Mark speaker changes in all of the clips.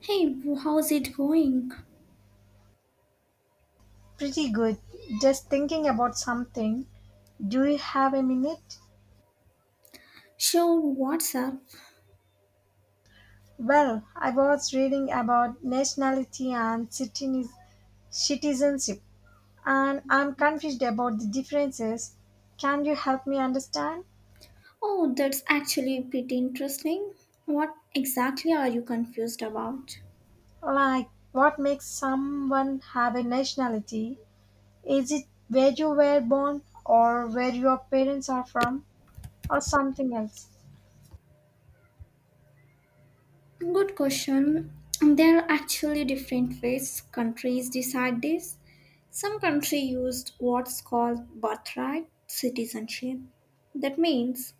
Speaker 1: Hey, how's it going?
Speaker 2: Pretty good. Just thinking about something. Do you have a minute?
Speaker 1: Sure, what's up?
Speaker 2: Well, I was reading about nationality and citizenship, and I'm confused about the differences. Can you help me understand?
Speaker 1: Oh, that's actually pretty interesting. What exactly are you confused about?
Speaker 2: Like, what makes someone have a nationality? Is it where you were born, or where your parents are from, or something else?
Speaker 1: Good question. There are actually different ways countries decide this. Some country used what's called birthright citizenship. That means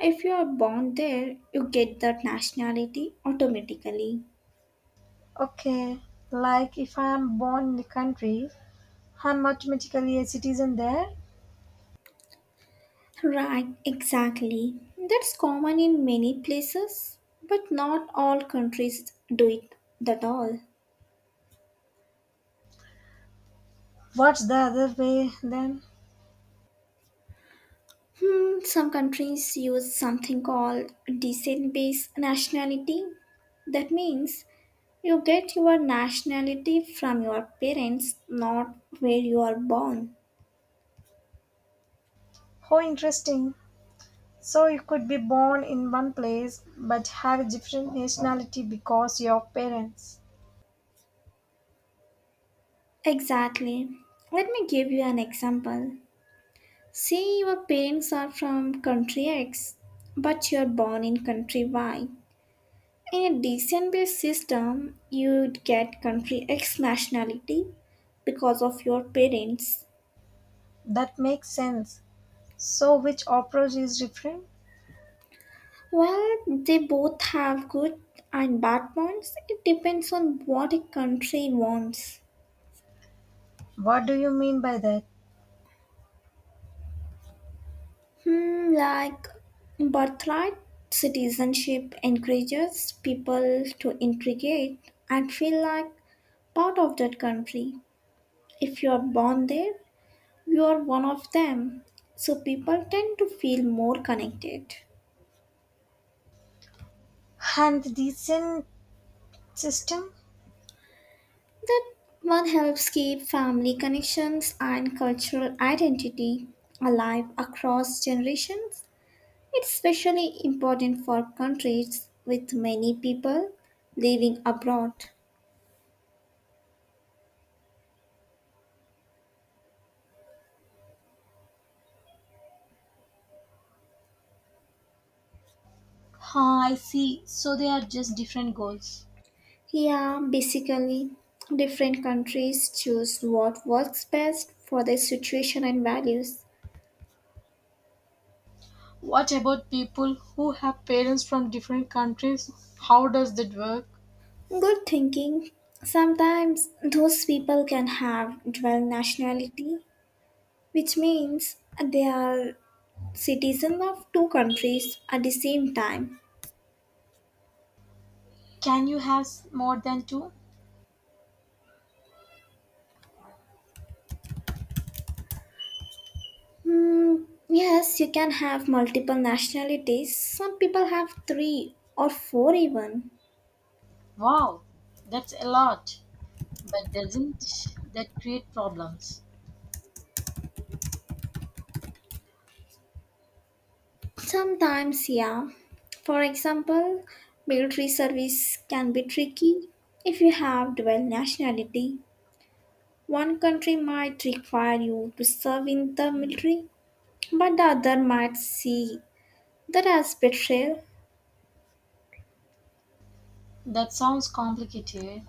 Speaker 1: if you are born there, you get that nationality automatically.
Speaker 2: Okay, like if I am born in the country, I'm automatically a citizen there.
Speaker 1: Right, exactly. That's common in many places, but not all countries do it at all.
Speaker 2: What's the other way then?
Speaker 1: Some countries use something called descent based nationality. That means you get your nationality from your parents, not where you are born.
Speaker 2: How interesting. So you could be born in one place but have a different nationality because your parents.
Speaker 1: Exactly. Let me give you an example. Say your parents are from country X, but you're born in country Y. In a descent-based system, you'd get country X nationality because of your parents.
Speaker 2: That makes sense. So which approach is different?
Speaker 1: While they both have good and bad points, it depends on what a country wants.
Speaker 2: What do you mean by that?
Speaker 1: Like birthright citizenship encourages people to integrate and feel like part of that country. If you are born there, you are one of them. So people tend to feel more connected.
Speaker 2: And the decent system?
Speaker 1: That one helps keep family connections and cultural identity alive across generations. It's especially important for countries with many people living abroad.
Speaker 2: Ah, I see. So they are just different goals.
Speaker 1: Yeah, basically, different countries choose what works best for their situation and values.
Speaker 2: What about people who have parents from different countries? How does that work?
Speaker 1: Good thinking. Sometimes those people can have dual nationality, which means they are citizen of two countries at the same time.
Speaker 2: Can you have more than two?
Speaker 1: Hmm, yes, you can have multiple nationalities. Some people have three or four even.
Speaker 2: Wow, that's a lot, but doesn't that create problems?
Speaker 1: Sometimes, yeah. For example, military service can be tricky if you have dual nationality. One country might require you to serve in the military, but the other might see that as betrayal.
Speaker 2: That sounds complicated.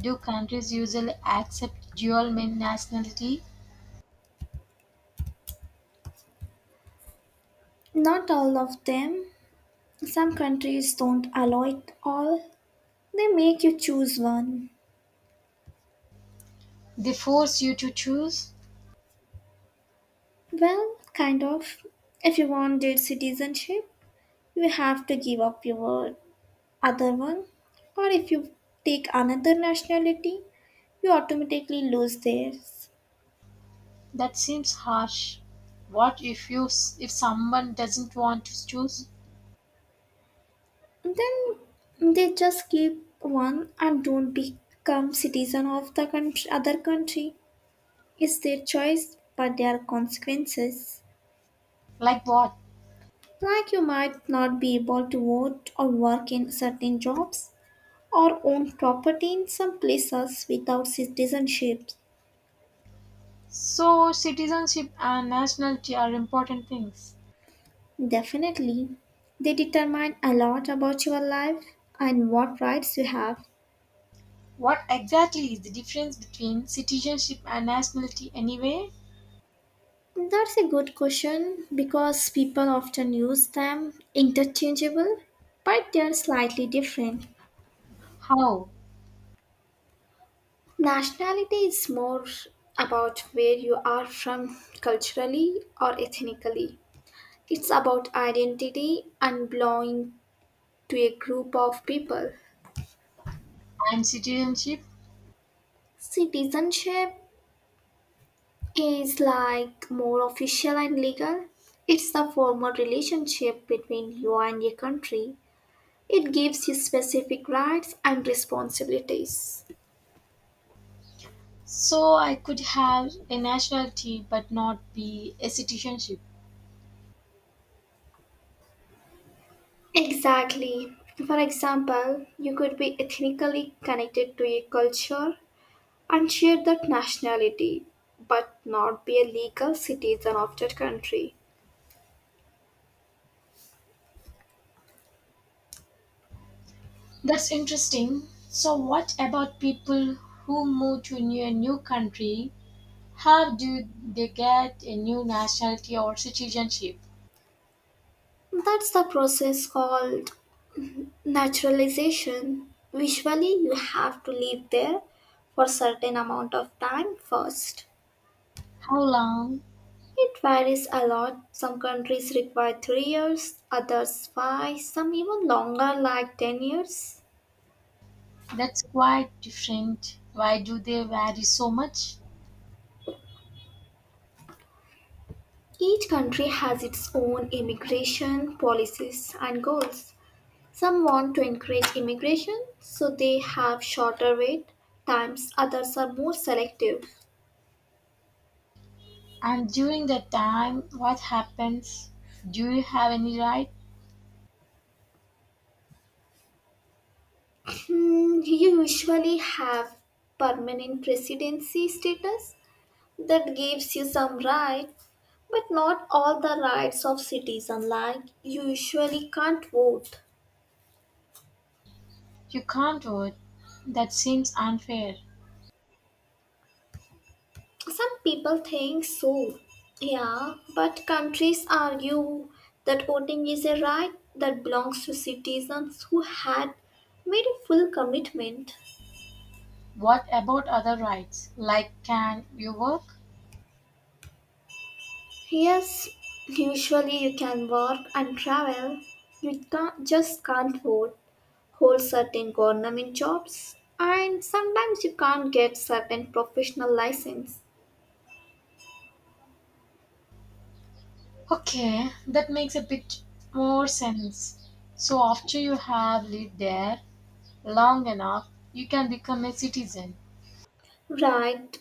Speaker 2: Do countries usually accept dual main nationality?
Speaker 1: Not all of them. Some countries don't allow it all. They make you choose one.
Speaker 2: They force you to choose?
Speaker 1: Well, kind of. If you want their citizenship, you have to give up your other one. Or if you take another nationality, you automatically lose theirs.
Speaker 2: That seems harsh. What if you if someone doesn't want to choose?
Speaker 1: Then they just keep one and don't become citizen of the country, other country. It's their choice, but there are consequences.
Speaker 2: Like what?
Speaker 1: Like you might not be able to vote or work in certain jobs or own property in some places without citizenship.
Speaker 2: So citizenship and nationality are important things.
Speaker 1: Definitely, they determine a lot about your life and what rights you have.
Speaker 2: What exactly is the difference between citizenship and nationality anyway?
Speaker 1: That's a good question because people often use them interchangeable, but they're slightly different.
Speaker 2: How?
Speaker 1: Nationality is more about where you are from culturally or ethnically. It's about identity and belonging to a group of people.
Speaker 2: I'm citizenship,
Speaker 1: Citizenship is like more official and legal. It's the formal relationship between you and your country. It gives you specific rights and responsibilities.
Speaker 2: so I could have.
Speaker 1: Exactly. For example, you could be ethnically connected to a culture and share that nationality, but not be a legal citizen of that country.
Speaker 2: That's interesting. So, what about people who move to a new country? How do they get a new nationality or citizenship?
Speaker 1: That's the process called Naturalization, usually you have to live there for certain amount of time first.
Speaker 2: How long?
Speaker 1: It varies a lot. Some countries require 3 years, others 5, some even longer like 10 years.
Speaker 2: That's quite different. Why do they vary so much?
Speaker 1: Each country has its own immigration policies and goals. Some want to encourage immigration, so they have shorter wait times, others are more selective.
Speaker 2: And during that time, what happens? Do you have any right?
Speaker 1: You usually have permanent residency status that gives you some rights, but not all the rights of citizen. Like you usually can't vote.
Speaker 2: You can't vote. That seems unfair.
Speaker 1: Some people think so. Yeah, but countries argue that voting is a right that belongs to citizens who had made a full commitment.
Speaker 2: What about other rights? Like, can you vote?
Speaker 1: Yes, usually you can work and travel. You can't, just can't vote, hold certain government jobs, and sometimes you can't get certain professional license.
Speaker 2: Okay, that makes a bit more sense. So after you have lived there long enough, you can become a citizen.
Speaker 1: Right.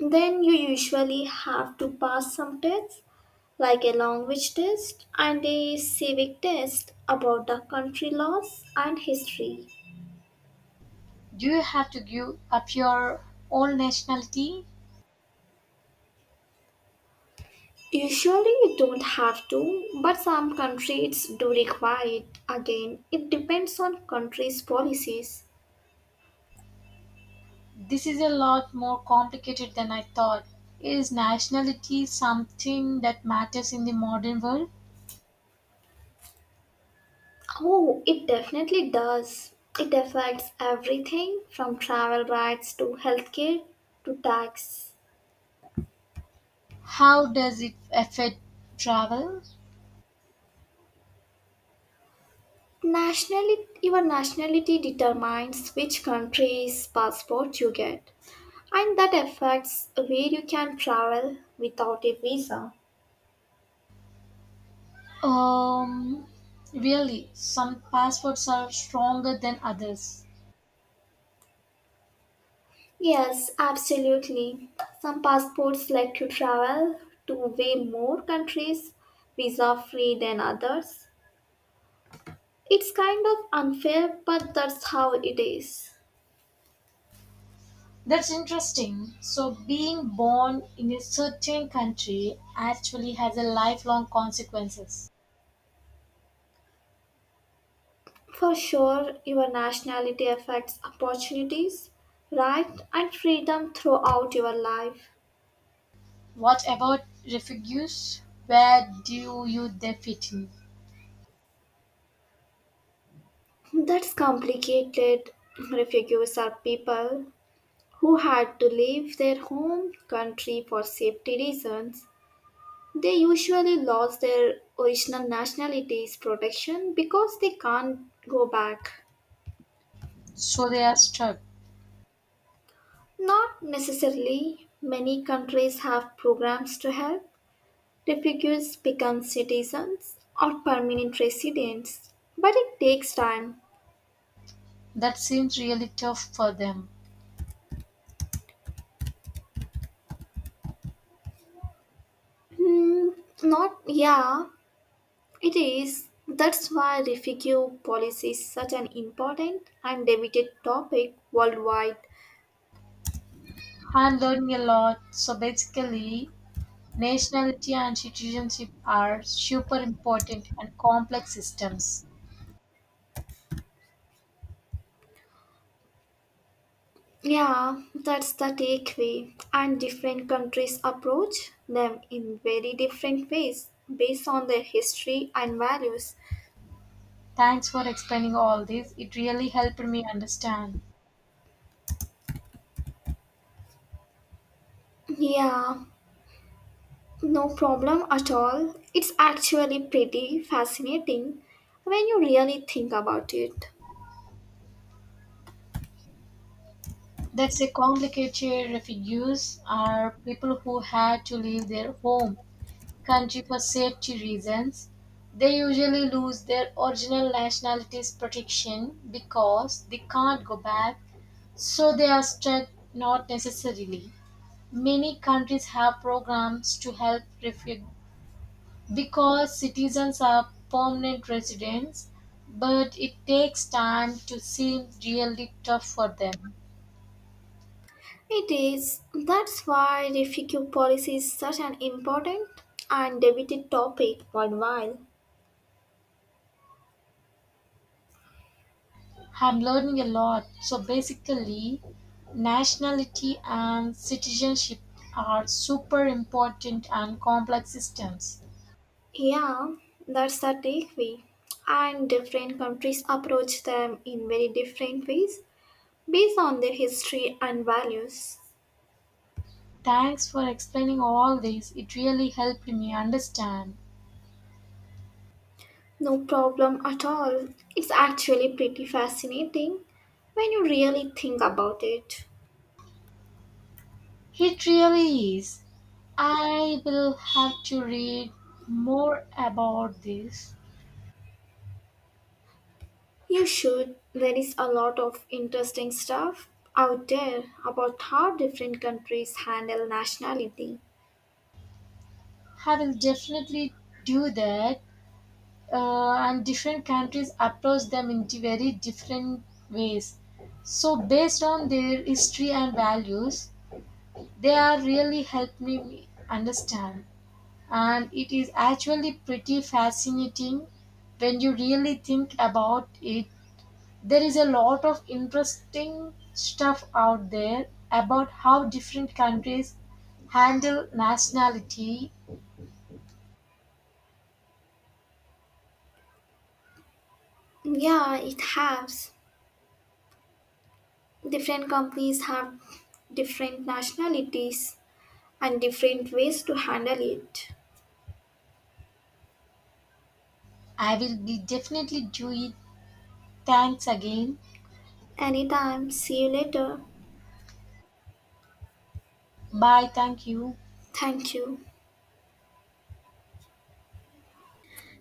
Speaker 1: Then you usually have to pass some tests like a language test and a civic test about the country laws and history.
Speaker 2: Do you have to give up your old nationality?
Speaker 1: Usually you don't have to, but some countries do require it. Again, it depends on country's policies.
Speaker 2: This is a lot more complicated than I thought. Is nationality something that matters in the modern world?
Speaker 1: Oh, it definitely does. It affects everything from travel rights to healthcare to tax.
Speaker 2: How does it affect travel?
Speaker 1: Nationality, your nationality determines which country's passport you get, and that affects where you can travel without a visa.
Speaker 2: Um, really, some passports are stronger than others.
Speaker 1: Yes, absolutely. Some passports let you travel to way more countries visa free than others. It's kind of unfair, but that's how it is.
Speaker 2: That's interesting. So, being born in a certain country actually has a lifelong consequences.
Speaker 1: For sure, your nationality affects opportunities, right, and freedom throughout your life.
Speaker 2: What about refugees? Where do you they fit in?
Speaker 1: That's complicated. Refugees are people who had to leave their home country for safety reasons. They usually lose their original nationality's protection because they can't go back.
Speaker 2: So they are stuck.
Speaker 1: Not necessarily. Many countries have programs to help refugees become citizens or permanent residents, but it takes time.
Speaker 2: That seems really tough for them.
Speaker 1: Hmm, not, yeah, it is. That's why refugee policy is such an important and debated topic worldwide.
Speaker 2: I'm learning a lot. So basically, nationality and citizenship are super important and complex systems.
Speaker 1: Yeah, that's the takeaway. And different countries approach them in very different ways based on their history and values.
Speaker 2: Thanks for explaining all this. It really helped me understand.
Speaker 1: Yeah, no problem at all. It's actually pretty fascinating when you really think about it.
Speaker 2: That's a complicated. Refugees are people who had to leave their home country for safety reasons. They usually lose their original nationality's protection because they can't go back, so they are stuck. Not necessarily. Many countries have programs to help refugees because citizens are permanent residents, but it takes time to seem really tough for them.
Speaker 1: It is. That's why refugee policy is such an important and debated topic worldwide.
Speaker 2: I'm learning a lot. So basically, nationality and citizenship are super important and complex systems.
Speaker 1: Yeah, that's the takeaway. And different countries approach them in very different ways based on their history and values.
Speaker 2: Thanks for explaining all this. It really helped me understand.
Speaker 1: No problem at all. It's actually pretty fascinating when you really think about it.
Speaker 2: It really is. I will have to read more about this.
Speaker 1: You should. There is a lot of interesting stuff out there about how different countries handle nationality.
Speaker 2: I will definitely do that. And different countries approach them in very different ways, so based on their history and values they are really helping me understand, and it is actually pretty fascinating when you really think about it. There is a lot of interesting stuff out there about how different countries handle nationality.
Speaker 1: Yeah, it has. Different companies have different nationalities and different ways to handle it.
Speaker 2: I will be definitely doing. Thanks again.
Speaker 1: Anytime, see you later.
Speaker 2: Bye, thank you.
Speaker 1: Thank you.